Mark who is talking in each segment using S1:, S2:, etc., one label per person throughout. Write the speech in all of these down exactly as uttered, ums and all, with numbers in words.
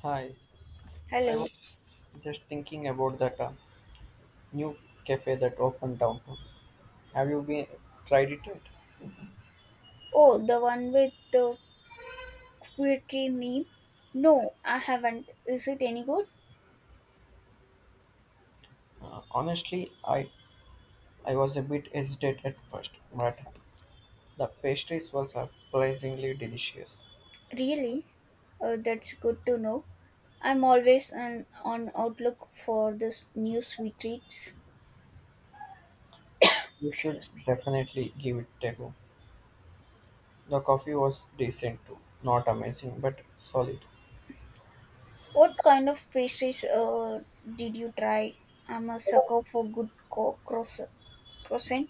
S1: Hi, I
S2: Hello.
S1: was just thinking about that uh, new cafe that opened downtown. Have you been tried it yet?
S2: Oh, the one with the quirky meme? No, I haven't. Is it any good?
S1: Uh, honestly, I I was a bit hesitant at first, but the pastries were surprisingly delicious.
S2: Really? Uh, that's good to know. I'm always on, on outlook for this new sweet treats.
S1: You should
S2: Excuse me.
S1: definitely give it a go. The coffee was decent too, not amazing but solid.
S2: What kind of pastries uh, did you try? I'm a sucker for good co- croissant. croissant.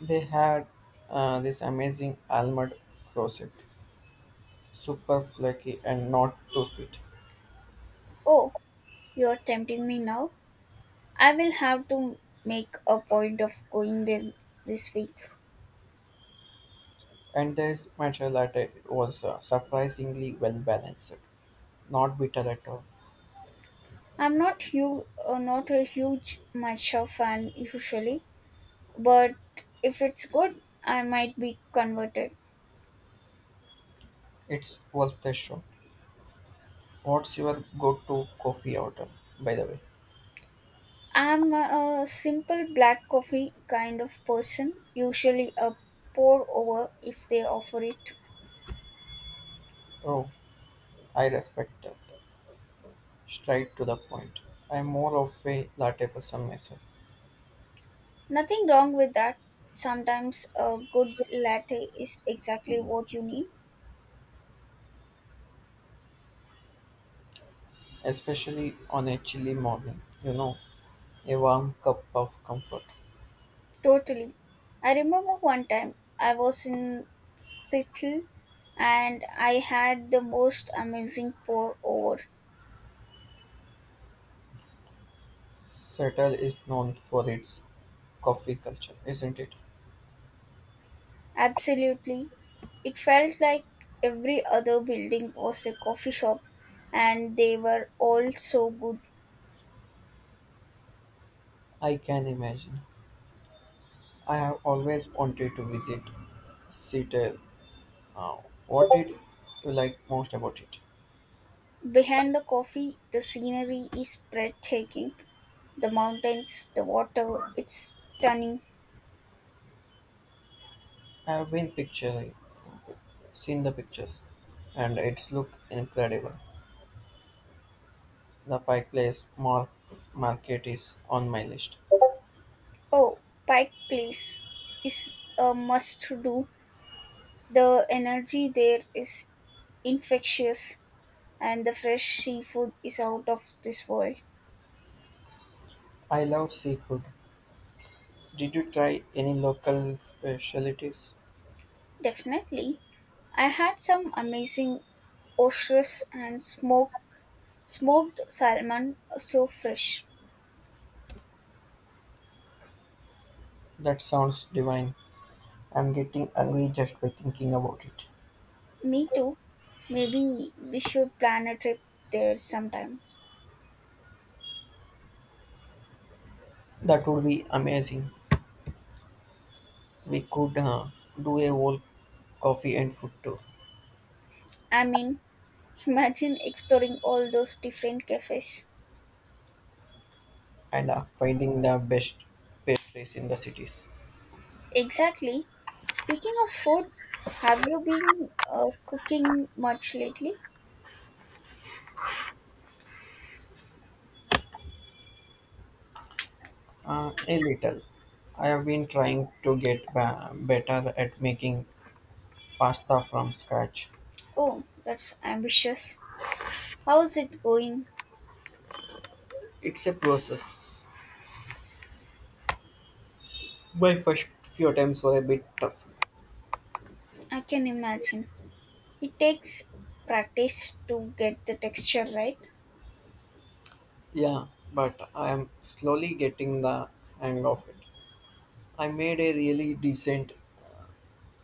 S1: They had uh, this amazing almond croissant, super flaky and not too sweet.
S2: Oh, you're tempting me now. I will have to make a point of going there this week.
S1: And this matcha latte was uh, surprisingly well balanced, not bitter at all.
S2: I'm not huge, uh, Not a huge matcha fan usually, but if it's good, I might be converted.
S1: It's worth a shot. What's your go-to coffee order, by the way?
S2: I'm a, a simple black coffee kind of person, usually a pour over if they offer it.
S1: Oh, I respect that. Straight to the point. I'm more of a latte person myself,
S2: Nothing wrong with that. Sometimes a good latte is exactly what you need.
S1: especially on a chilly morning. You know, a warm cup of comfort.
S2: Totally. I remember one time I was in Seattle and I had the most amazing pour over.
S1: Seattle is known for its coffee culture, isn't it?
S2: Absolutely. It felt like every other building was a coffee shop, and they were all so good.
S1: I can imagine. I have always wanted to visit Seattle. Uh, what did you like most about it?
S2: Behind the coffee, the scenery is breathtaking. The mountains, the water, it's stunning.
S1: I have been picturing, seen the pictures, and it's look incredible. The Pike Place Mar- Market is on my list.
S2: Oh, Pike Place is a must do. The energy there is infectious, and the fresh seafood is out of this world.
S1: I love seafood. Did you try any local specialties?
S2: Definitely. I had some amazing oysters and smoked Smoked salmon so fresh.
S1: That sounds divine. I'm getting hungry just by thinking about it.
S2: Me too. Maybe we should plan a trip there sometime.
S1: That would be amazing. We could uh, do a whole coffee and food tour,
S2: I mean, imagine exploring all those different cafes.
S1: and uh, finding the best pastries in the cities.
S2: Exactly. Speaking of food, have you been uh, cooking much lately?
S1: Uh, a little. I have been trying to get ba- better at making pasta from scratch.
S2: Oh, that's ambitious. How's it going?
S1: It's a process. My first few attempts were a bit tough.
S2: I can imagine. It takes practice to get the texture right.
S1: Yeah, but I am slowly getting the hang of it. I made a really decent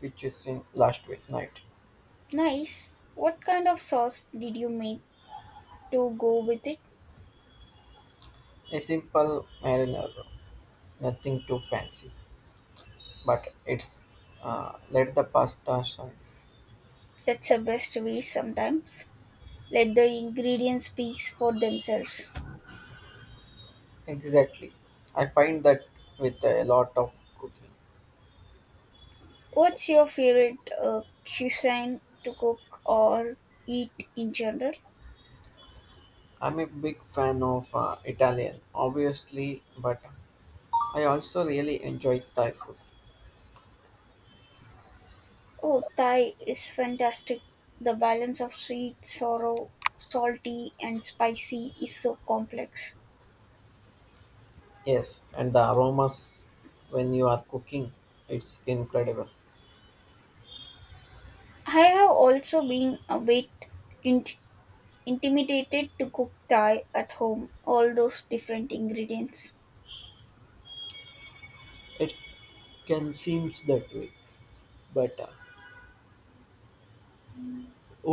S1: fettuccine last week night.
S2: Nice. What kind of sauce did you make to go with it?
S1: A simple marinara, nothing too fancy, but it's uh, let the pasta shine.
S2: That's the best way sometimes. Let the ingredients speak for themselves.
S1: Exactly. I find that with a lot of cooking
S2: What's your favorite uh, cuisine to cook or eat in general?
S1: I'm a big fan of uh, Italian, obviously, but I also really enjoy Thai food.
S2: Oh, Thai is fantastic. The balance of sweet, sour, salty, and spicy is so complex.
S1: Yes, and the aromas when you are cooking, it's incredible.
S2: I have also been a bit int- intimidated to cook Thai at home, all those different ingredients.
S1: It can seems that way, but uh,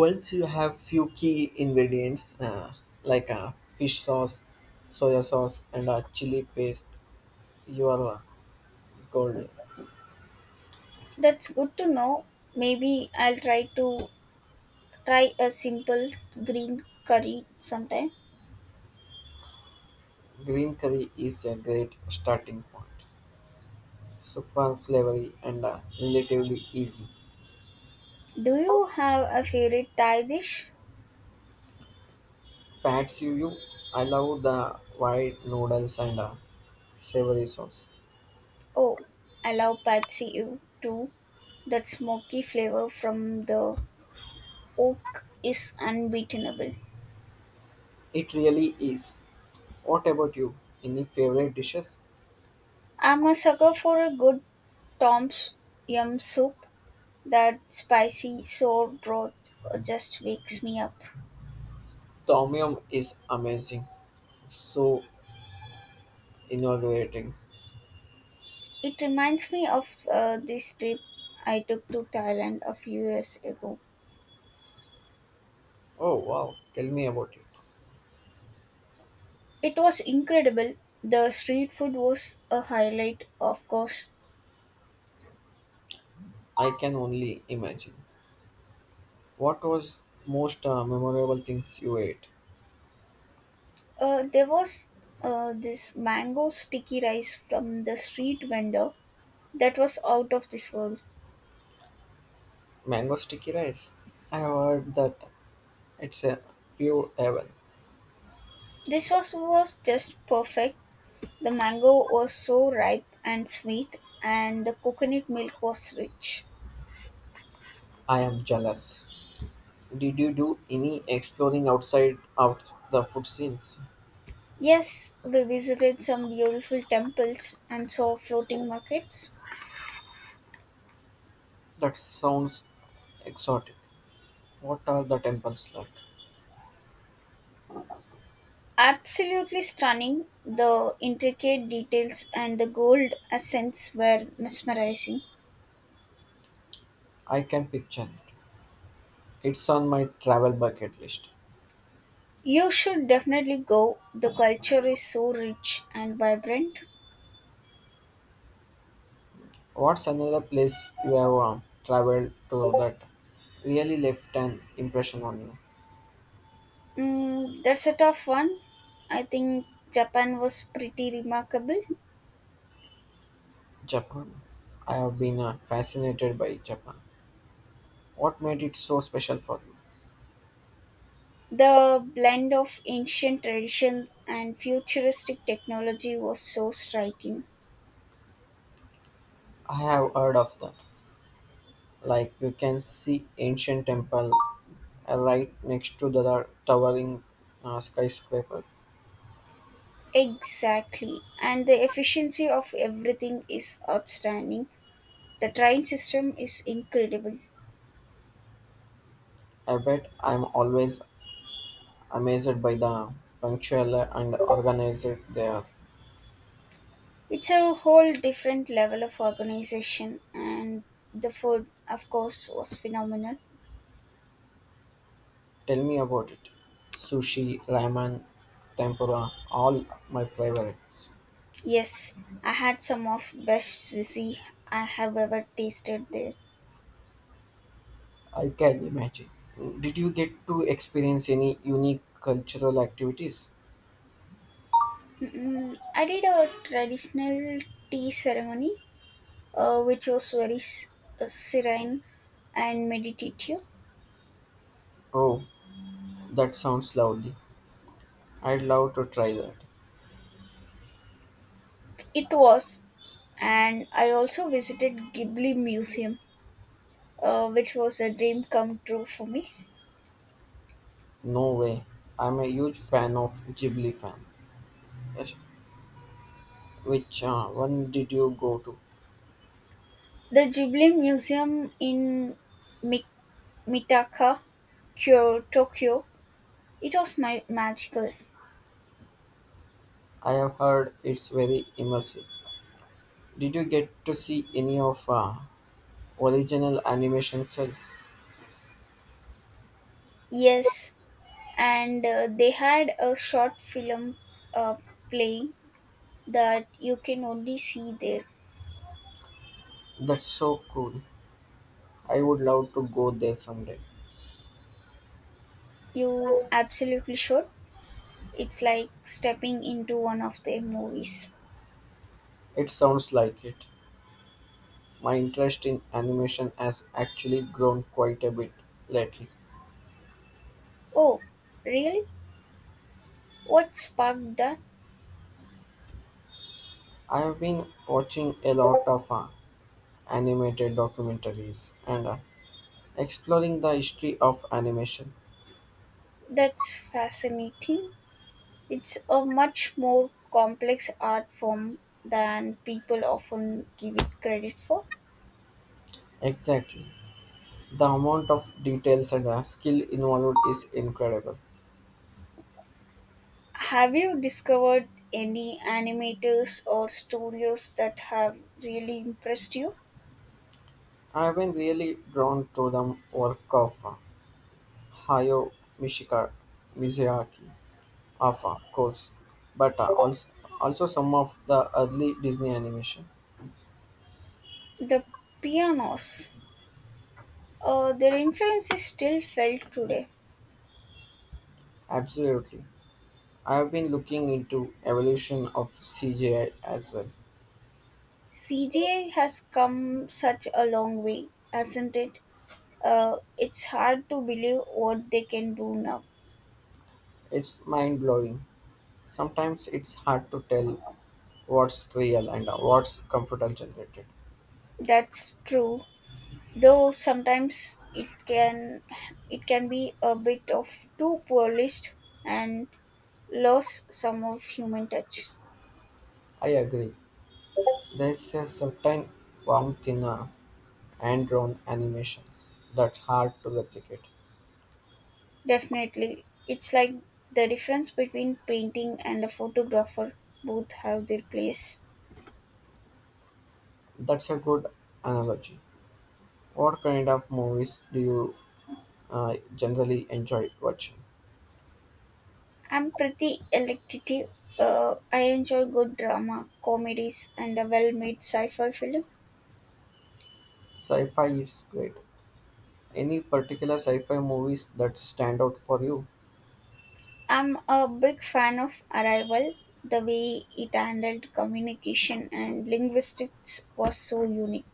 S1: once you have few key ingredients uh, like uh, fish sauce, soya sauce, and a chili paste, you are uh, golden.
S2: That's good to know. Maybe I'll try to Try a simple green curry sometime.
S1: Green curry is a great starting point. Super flavory and uh, relatively easy.
S2: Do you have a favorite Thai dish?
S1: Pat's you. I love the white noodles and uh, savory sauce.
S2: Oh, I love pad see ew too. That smoky flavor from the oak is unbeatable.
S1: It really is. What about you? Any favorite dishes?
S2: I'm a sucker for a good Tom's Yum soup. That spicy sour broth just wakes me up.
S1: Tom yum is amazing. So inaugurating.
S2: It reminds me of uh, this trip I took to Thailand a few years ago.
S1: Oh wow! Tell me about it.
S2: It was incredible. The street food was a highlight, of course.
S1: I can only imagine. What was most uh, memorable things you ate?
S2: Uh, there was uh, This mango sticky rice from the street vendor that was out of this world.
S1: Mango sticky rice. I heard that it's a pure heaven.
S2: This sauce was just perfect. The mango was so ripe and sweet, and the coconut milk was rich.
S1: I am jealous. Did you do any exploring outside of the food scenes?
S2: Yes, we visited some beautiful temples and saw floating markets.
S1: That sounds exotic. What are the temples like?
S2: Absolutely stunning, the intricate details and the gold accents were mesmerizing.
S1: I can picture it. It's on my travel bucket list.
S2: You should definitely go, the culture is so rich and vibrant.
S1: What's another place you have um, traveled to that really left an impression on you?
S2: Mm, that's a tough one. I think Japan was pretty remarkable.
S1: Japan. I have been uh, fascinated by Japan. What made it so special for you?
S2: The blend of ancient traditions and futuristic technology was so striking.
S1: I have heard of that. Like you can see ancient temple uh, right next to the towering uh, skyscraper.
S2: Exactly. And the efficiency of everything is outstanding. The train system is incredible.
S1: I bet I'm always amazed by the punctual and organized they are.
S2: It's a whole different level of organization, and the food, of course, was phenomenal.
S1: Tell me about it. Sushi, ramen, tempura, all my favorites.
S2: Yes, I had some of best sushi I have ever tasted there.
S1: I can imagine. Did you get to experience any unique cultural activities?
S2: Mm, I did a traditional tea ceremony, uh, which was very s- uh, serene and meditative.
S1: Oh, that sounds lovely. I'd love to try that.
S2: It was, and I also visited Ghibli Museum, uh, which was a dream come true for me.
S1: No way. I'm a huge fan of Ghibli fan. Yes. Which uh, one did you go to?
S2: The Ghibli Museum in Mi. Mitaka, Kyo- Tokyo. It was my magical.
S1: I have heard it's very immersive. Did you get to see any of uh, original animation cells?
S2: Yes, and uh, they had a short film uh, playing that you can only see there.
S1: That's so cool. I would love to go there someday.
S2: You absolutely should. It's like stepping into one of their movies.
S1: It sounds like it. My interest in animation has actually grown quite a bit lately.
S2: Oh, really? What sparked that?
S1: I have been watching a lot of uh, animated documentaries and uh, exploring the history of animation.
S2: That's fascinating. It's a much more complex art form than people often give it credit for.
S1: Exactly. The amount of details and uh, skill involved is incredible.
S2: Have you discovered any animators or studios that have really impressed you?
S1: I have been really drawn to the work of uh, Hayao Mishika, Mizuyaki. of of course, but uh, also, also some of the early Disney animation.
S2: The pianos, uh, their influence is still felt today.
S1: Absolutely. I have been looking into evolution of C G I as well.
S2: C G I has come such a long way, hasn't it? Uh, it's hard to believe what they can do now.
S1: It's mind-blowing. Sometimes it's hard to tell what's real and uh, what's computer generated.
S2: That's true, though sometimes it can it can be a bit of too polished and lose some of human touch.
S1: I agree. There's a certain warmth in uh, hand-drawn animations that's hard to replicate.
S2: Definitely. It's like the difference between painting and a photographer both have their place.
S1: That's a good analogy. What kind of movies do you uh, generally enjoy watching?
S2: I'm pretty electative. Uh, I enjoy good drama, comedies, and a well made sci fi film.
S1: Sci-fi is great. Any particular sci-fi movies that stand out for you?
S2: I'm a big fan of Arrival. The way it handled communication and linguistics was so unique.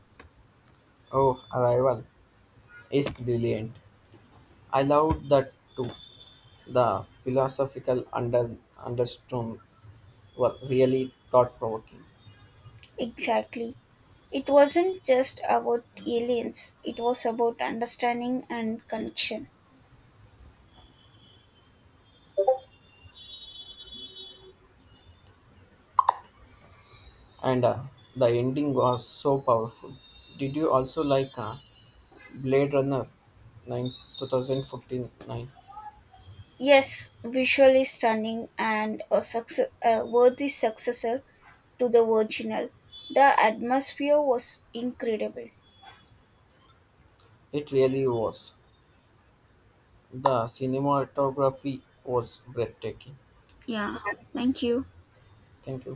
S1: Oh, Arrival is brilliant. I loved that too. The philosophical under undertone were really thought-provoking,
S2: Exactly. It wasn't just about aliens, it was about understanding and connection.
S1: and uh, the ending was so powerful. Did you also like uh, Blade Runner nine two thousand fourteen nine?
S2: Yes, visually stunning and a, success, a worthy successor to the original. The atmosphere was incredible.
S1: It really was. The cinematography was breathtaking.
S2: Yeah, thank you.
S1: Thank you.